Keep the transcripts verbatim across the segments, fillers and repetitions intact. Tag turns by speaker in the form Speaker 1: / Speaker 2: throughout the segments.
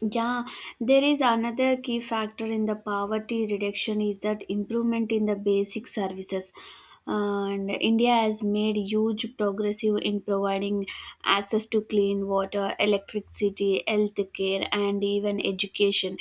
Speaker 1: Yeah, there is another key factor in the poverty reduction is that improvement in the basic services. Uh, And India has made huge progressive in providing access to clean water, electricity, health care, and even education.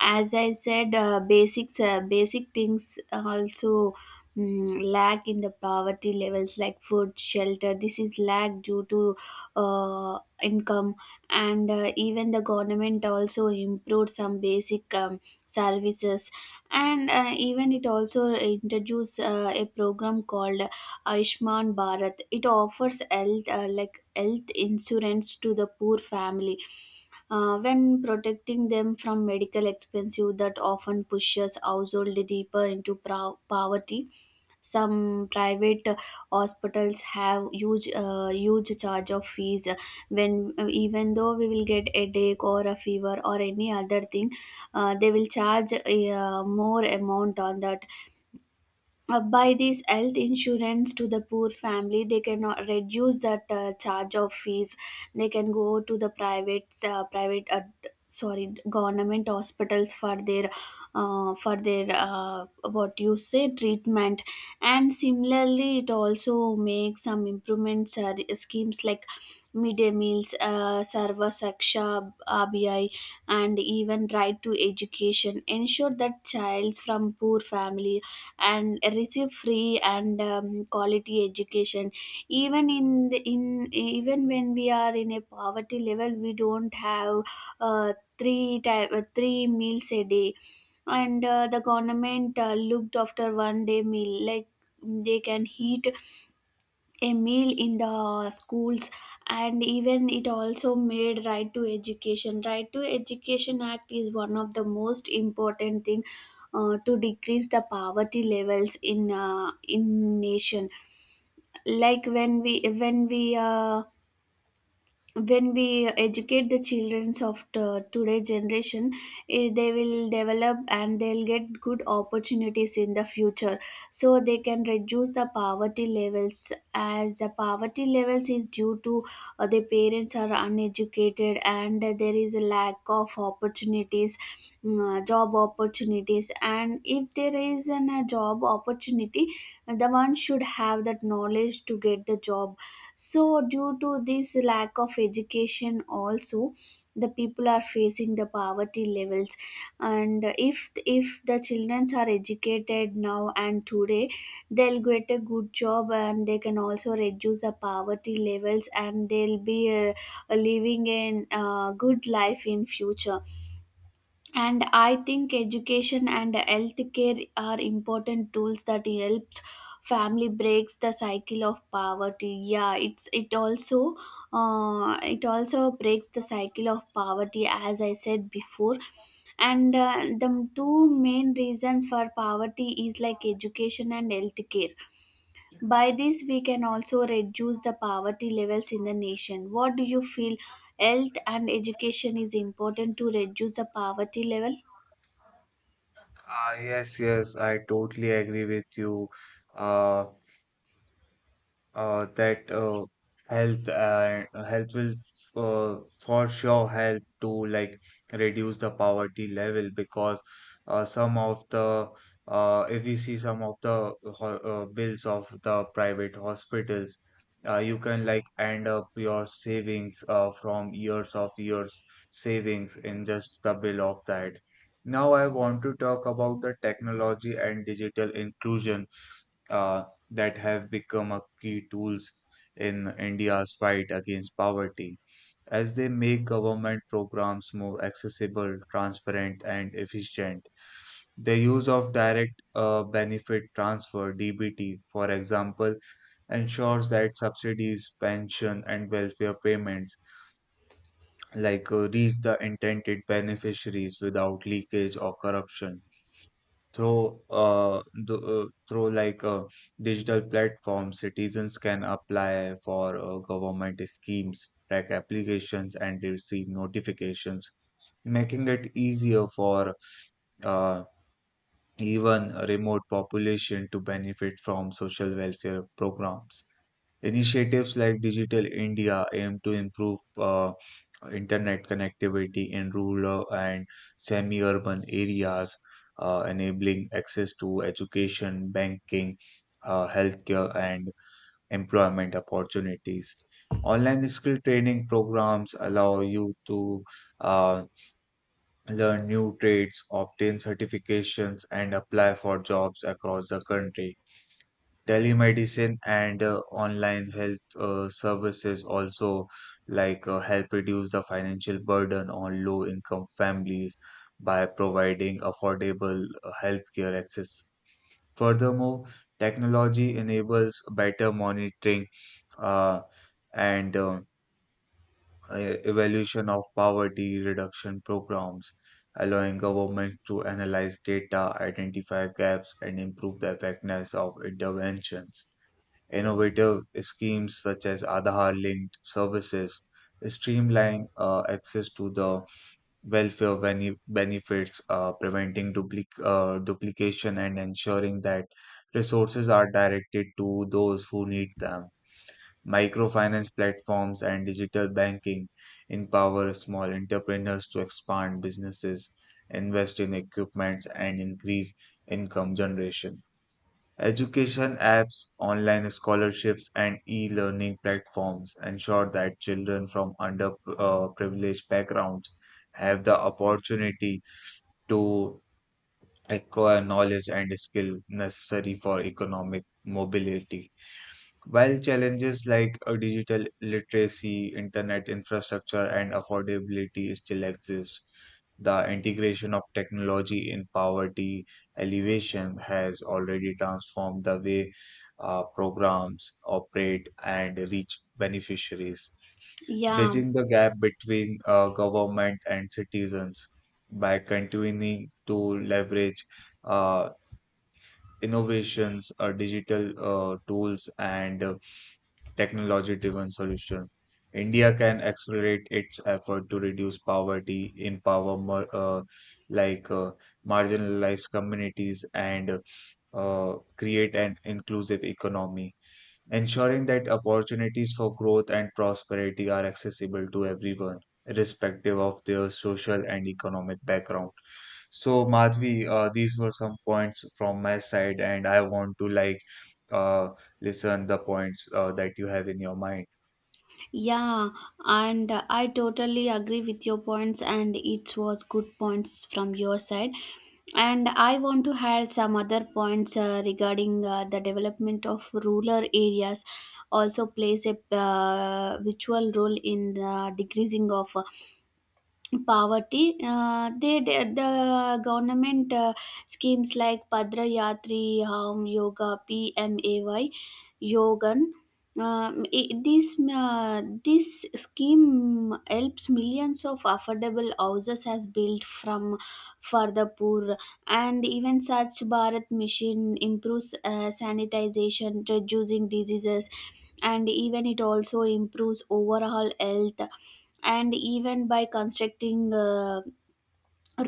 Speaker 1: As I said, uh, basics, uh, basic things also mm, lack in the poverty levels like food, shelter. This is lack due to uh, income, and uh, even the government also improved some basic um, services. And uh, even it also introduced uh, a program called Aishman Bharat. It offers health uh, like health insurance to the poor family, uh, when protecting them from medical expenses that often pushes household deeper into pro poverty. Some private hospitals have huge uh, huge charge of fees, when even though we will get a headache or a fever or any other thing, uh, they will charge a uh, more amount on that. Uh, by this health insurance to the poor family, they can uh, reduce that uh, charge of fees. They can go to the private uh, private uh, sorry, government hospitals for their, uh, for their uh, what you say, treatment. And similarly it also makes some improvements, uh, schemes like midday meals, uh, sarva saksha, R B I, and even right to education ensure that childs from poor family and receive free and um, quality education. Even in the, in even when we are in a poverty level, we don't have uh, three type uh, three meals a day. And uh, the government uh, looked after one day meal, like they can eat a meal in the schools. And even it also made right to education right to education act is one of the most important thing uh, to decrease the poverty levels in uh, in nation. Like when we when we uh, when we educate the children of the today generation, eh, they will develop and they'll get good opportunities in the future. So they can reduce the poverty levels, as the poverty levels is due to uh, the parents are uneducated and there is a lack of opportunities. Mm, uh, job opportunities. And if there is an, a job opportunity, the one should have that knowledge to get the job. So due to this lack of education also, the people are facing the poverty levels. And if if the children are educated now and today, they'll get a good job and they can also reduce the poverty levels, and they'll be uh, living in a good life in future. And I think education and healthcare are important tools that helps family breaks the cycle of poverty. Yeah, it's it also uh, it also breaks the cycle of poverty, as I said before. And uh, the two main reasons for poverty is like education and healthcare. By this we can also reduce the poverty levels in the nation. What do you feel? Health and education is important to reduce the poverty level.
Speaker 2: Uh, uh, that uh, health and health will uh, for sure help to like reduce the poverty level because uh, some of the uh, if we see some of the ho- uh, bills of the private hospitals, uh, you can like end up your savings, uh, from years of years savings in just the bill of that. Now I want to talk about the technology and digital inclusion uh, that have become a key tools in India's fight against poverty, as they make government programs more accessible, transparent, and efficient. The use of direct uh, benefit transfer (D B T), for example, ensures that subsidies, pension, and welfare payments like uh, reach the intended beneficiaries without leakage or corruption. Through uh, th uh, through like uh, digital platforms, citizens can apply for uh, government schemes, track applications, and receive notifications, making it easier for uh, even a remote population to benefit from social welfare programs. Initiatives like Digital India aim to improve uh, internet connectivity in rural and semi urban areas, uh, enabling access to education, banking, uh, healthcare, and employment opportunities. Online skill training programs allow you to uh, learn new trades, obtain certifications, and apply for jobs across the country. Telemedicine and uh, online health uh, services also like uh, help reduce the financial burden on low income families by providing affordable uh, healthcare access. Furthermore, technology enables better monitoring uh, and uh, e- evaluation of poverty reduction programs, allowing government to analyze data, identify gaps, and improve the effectiveness of interventions. Innovative schemes such as Aadhaar linked services streamline uh, access to the welfare bene- benefits, uh, preventing duplic- uh, duplication and ensuring that resources are directed to those who need them. Microfinance platforms and digital banking empower small entrepreneurs to expand businesses, invest in equipment, and increase income generation. Education apps, online scholarships, and e-learning platforms ensure that children from underprivileged backgrounds have the opportunity to acquire knowledge and skill necessary for economic mobility. While challenges like uh, digital literacy, internet infrastructure, and affordability still exist, the integration of technology in poverty elevation has already transformed the way uh, programs operate and reach beneficiaries,
Speaker 1: Yeah,
Speaker 2: bridging the gap between uh, government and citizens by continuing to leverage uh, innovations, uh, digital uh, tools, and uh, technology driven solution. India can accelerate its effort to reduce poverty, empower mar- uh, like uh, marginalized communities, and uh, create an inclusive economy ensuring that opportunities for growth and prosperity are accessible to everyone, irrespective of their social and economic background. So, Madhvi, uh, these were some points from my side, and I want to like uh, listen the points uh, that you have in your mind.
Speaker 1: yeah, and uh, I totally agree with your points, and it was good points from your side. And I want to add some other points, uh, regarding uh, the development of rural areas also plays a uh, virtual role in the decreasing of poverty. Uh, they they- the government uh, schemes like padra yatri home yoga P M A Y yogan, um, i- this uh, this scheme helps millions of affordable houses as built from for the poor. And even such bharat mission improves uh, sanitization, reducing diseases, and even it also improves overall health. And even by constructing uh,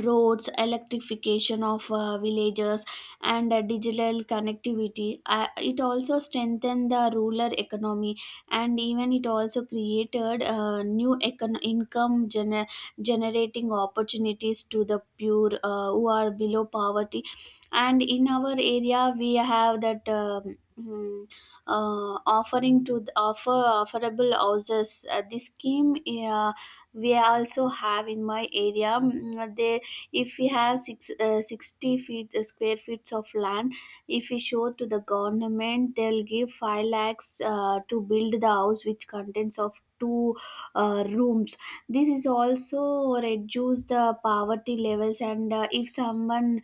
Speaker 1: roads, electrification of uh, villages, and uh, digital connectivity, uh, it also strengthened the rural economy. And even it also created uh, new econ- income gener- generating opportunities to the pure uh, who are below poverty. And in our area, we have that um, mm, uh, offering to the offer offerable houses, uh, this scheme. uh, we also have in my area. Mm, they, if we have six, uh, sixty feet uh, square feet of land, if we show to the government they'll give five lakhs uh, to build the house, which contains of two uh, rooms. This is also reduce the poverty levels. And uh, if someone,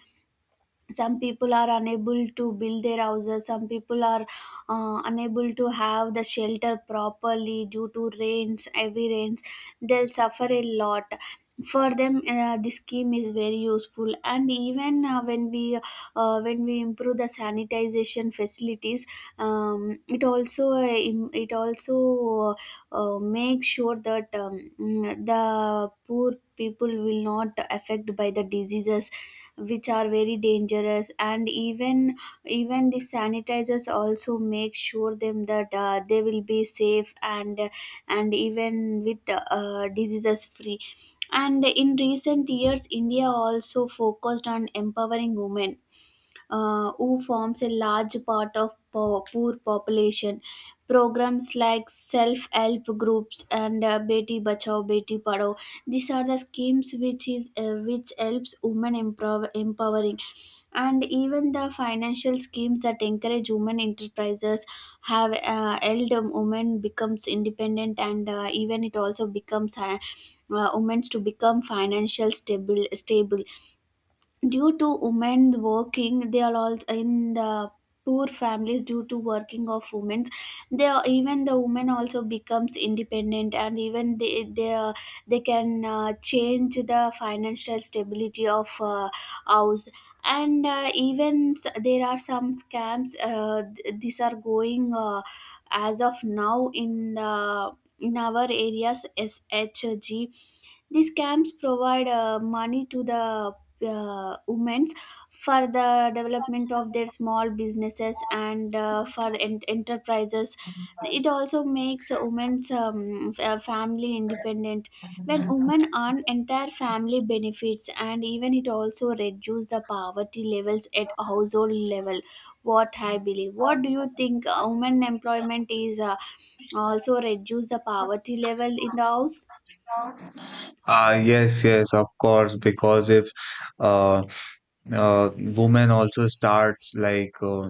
Speaker 1: some people are unable to build their houses, some people are uh, unable to have the shelter properly due to rains, heavy rains. They'll suffer a lot. For them, uh, this scheme is very useful. And even uh, when we uh, when we improve the sanitization facilities, um, it also uh, im- it also uh, uh, make sure that um, mm, the poor people will not affect by the diseases, which are very dangerous. And even, even the sanitizers also make sure them that uh, they will be safe and and even with uh, diseases free. And in recent years India also focused on empowering women, uh, who forms a large part of po- poor population. Programs like self help groups and uh, beti bachao beti padhao, these are the schemes which is uh, which helps women improv- empowering. And even the financial schemes that encourage women enterprises have uh, helped um, women becomes independent. And uh, even it also becomes uh, uh, women to become financial stable stable due to women working. They are all in the poor families due to working of women, they are, even the women also becomes independent. And even they they, are- they can uh, change the financial stability of uh, house. And uh, even s- there are some scams, uh, th- these are going uh, as of now in the in our areas S H G. These camps provide uh, money to the uh, women for the development of their small businesses and uh, for en- enterprises. It also makes a women's um, f- uh, family independent. When women earn, entire family benefits, and even it also reduces the poverty levels at household level. What I believe. What do you think? Uh, women employment is uh, also reduce the poverty level in the house.
Speaker 2: Ah, yes, yes, of course, because if uh, uh, women also starts like uh,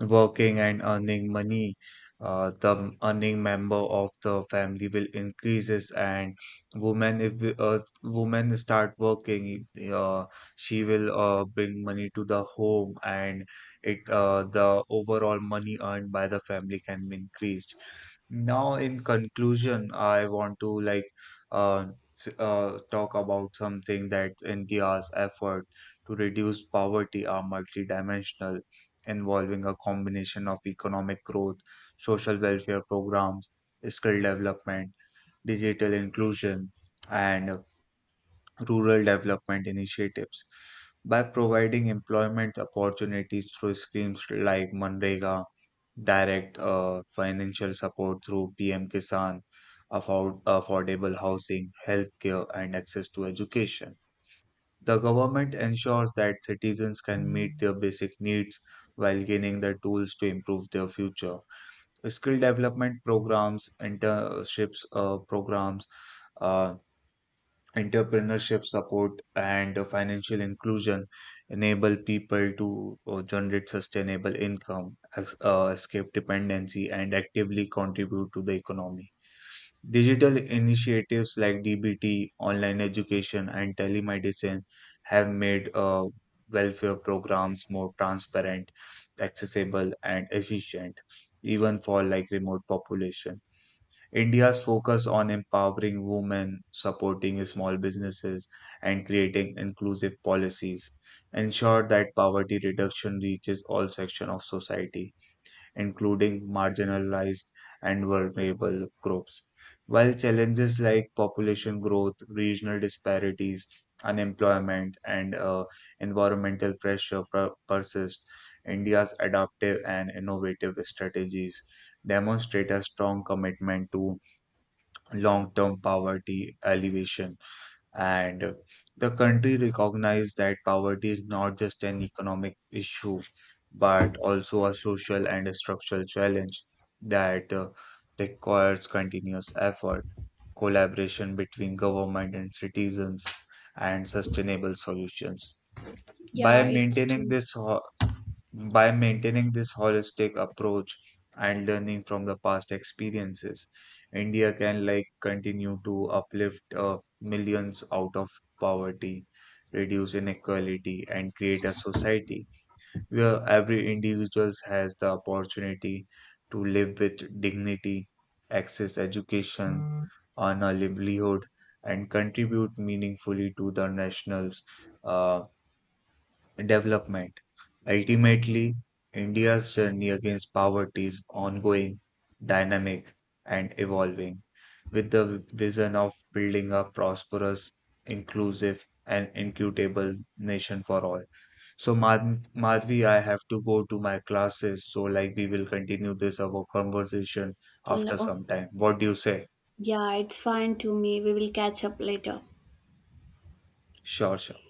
Speaker 2: working and earning money, uh, the m- earning member of the family will increases. And women if we- uh, women start working, uh, she will uh, bring money to the home and it uh, the overall money earned by the family can be increased. Now in conclusion I want to like uh, s- uh, talk about something that India's effort to reduce poverty are multidimensional, involving a combination of economic growth, social welfare programs, skill development, digital inclusion, and rural development initiatives. By providing employment opportunities through schemes like Manrega, direct uh, financial support through P M Kisan, afford- affordable housing, healthcare, and access to education. The government ensures that citizens can meet their basic needs while gaining the tools to improve their future. Skill development programs, internships uh, programs, uh, entrepreneurship support and uh, financial inclusion enable people to uh, generate sustainable income, ex- uh, escape dependency, and actively contribute to the economy. Digital initiatives like D B T, online education, and telemedicine have made uh, welfare programs more transparent, accessible, and efficient, even for like remote population. India's focus on empowering women, supporting small businesses, and creating inclusive policies ensure that poverty reduction reaches all sections of society, including marginalized and vulnerable groups. While challenges like population growth, regional disparities, unemployment, and uh, environmental pressure per- persist, India's adaptive and innovative strategies demonstrate a strong commitment to long-term poverty alleviation. And uh, the country recognized that poverty is not just an economic issue, but also a social and a structural challenge that uh, requires continuous effort, collaboration between government and citizens, and sustainable solutions.
Speaker 1: Yeah,
Speaker 2: By
Speaker 1: it's
Speaker 2: maintaining
Speaker 1: true.
Speaker 2: this ho- by maintaining this holistic approach and learning from the past experiences, India can like continue to uplift uh, millions out of poverty, reduce inequality, and create a society where every individual has the opportunity to live with dignity, access education, earn a livelihood, and contribute meaningfully to the national's uh, development. Ultimately, India's journey against poverty is ongoing, dynamic, and evolving, with the vision of building a prosperous, inclusive, and equitable nation for all. So, Madh- Madhvi, I have to go to my classes. So, like, we will continue this our conversation
Speaker 1: L-
Speaker 2: after some
Speaker 1: Okay.
Speaker 2: time. What do you say?
Speaker 1: Yeah, it's fine to me. We will catch up later.
Speaker 2: Sure, sure.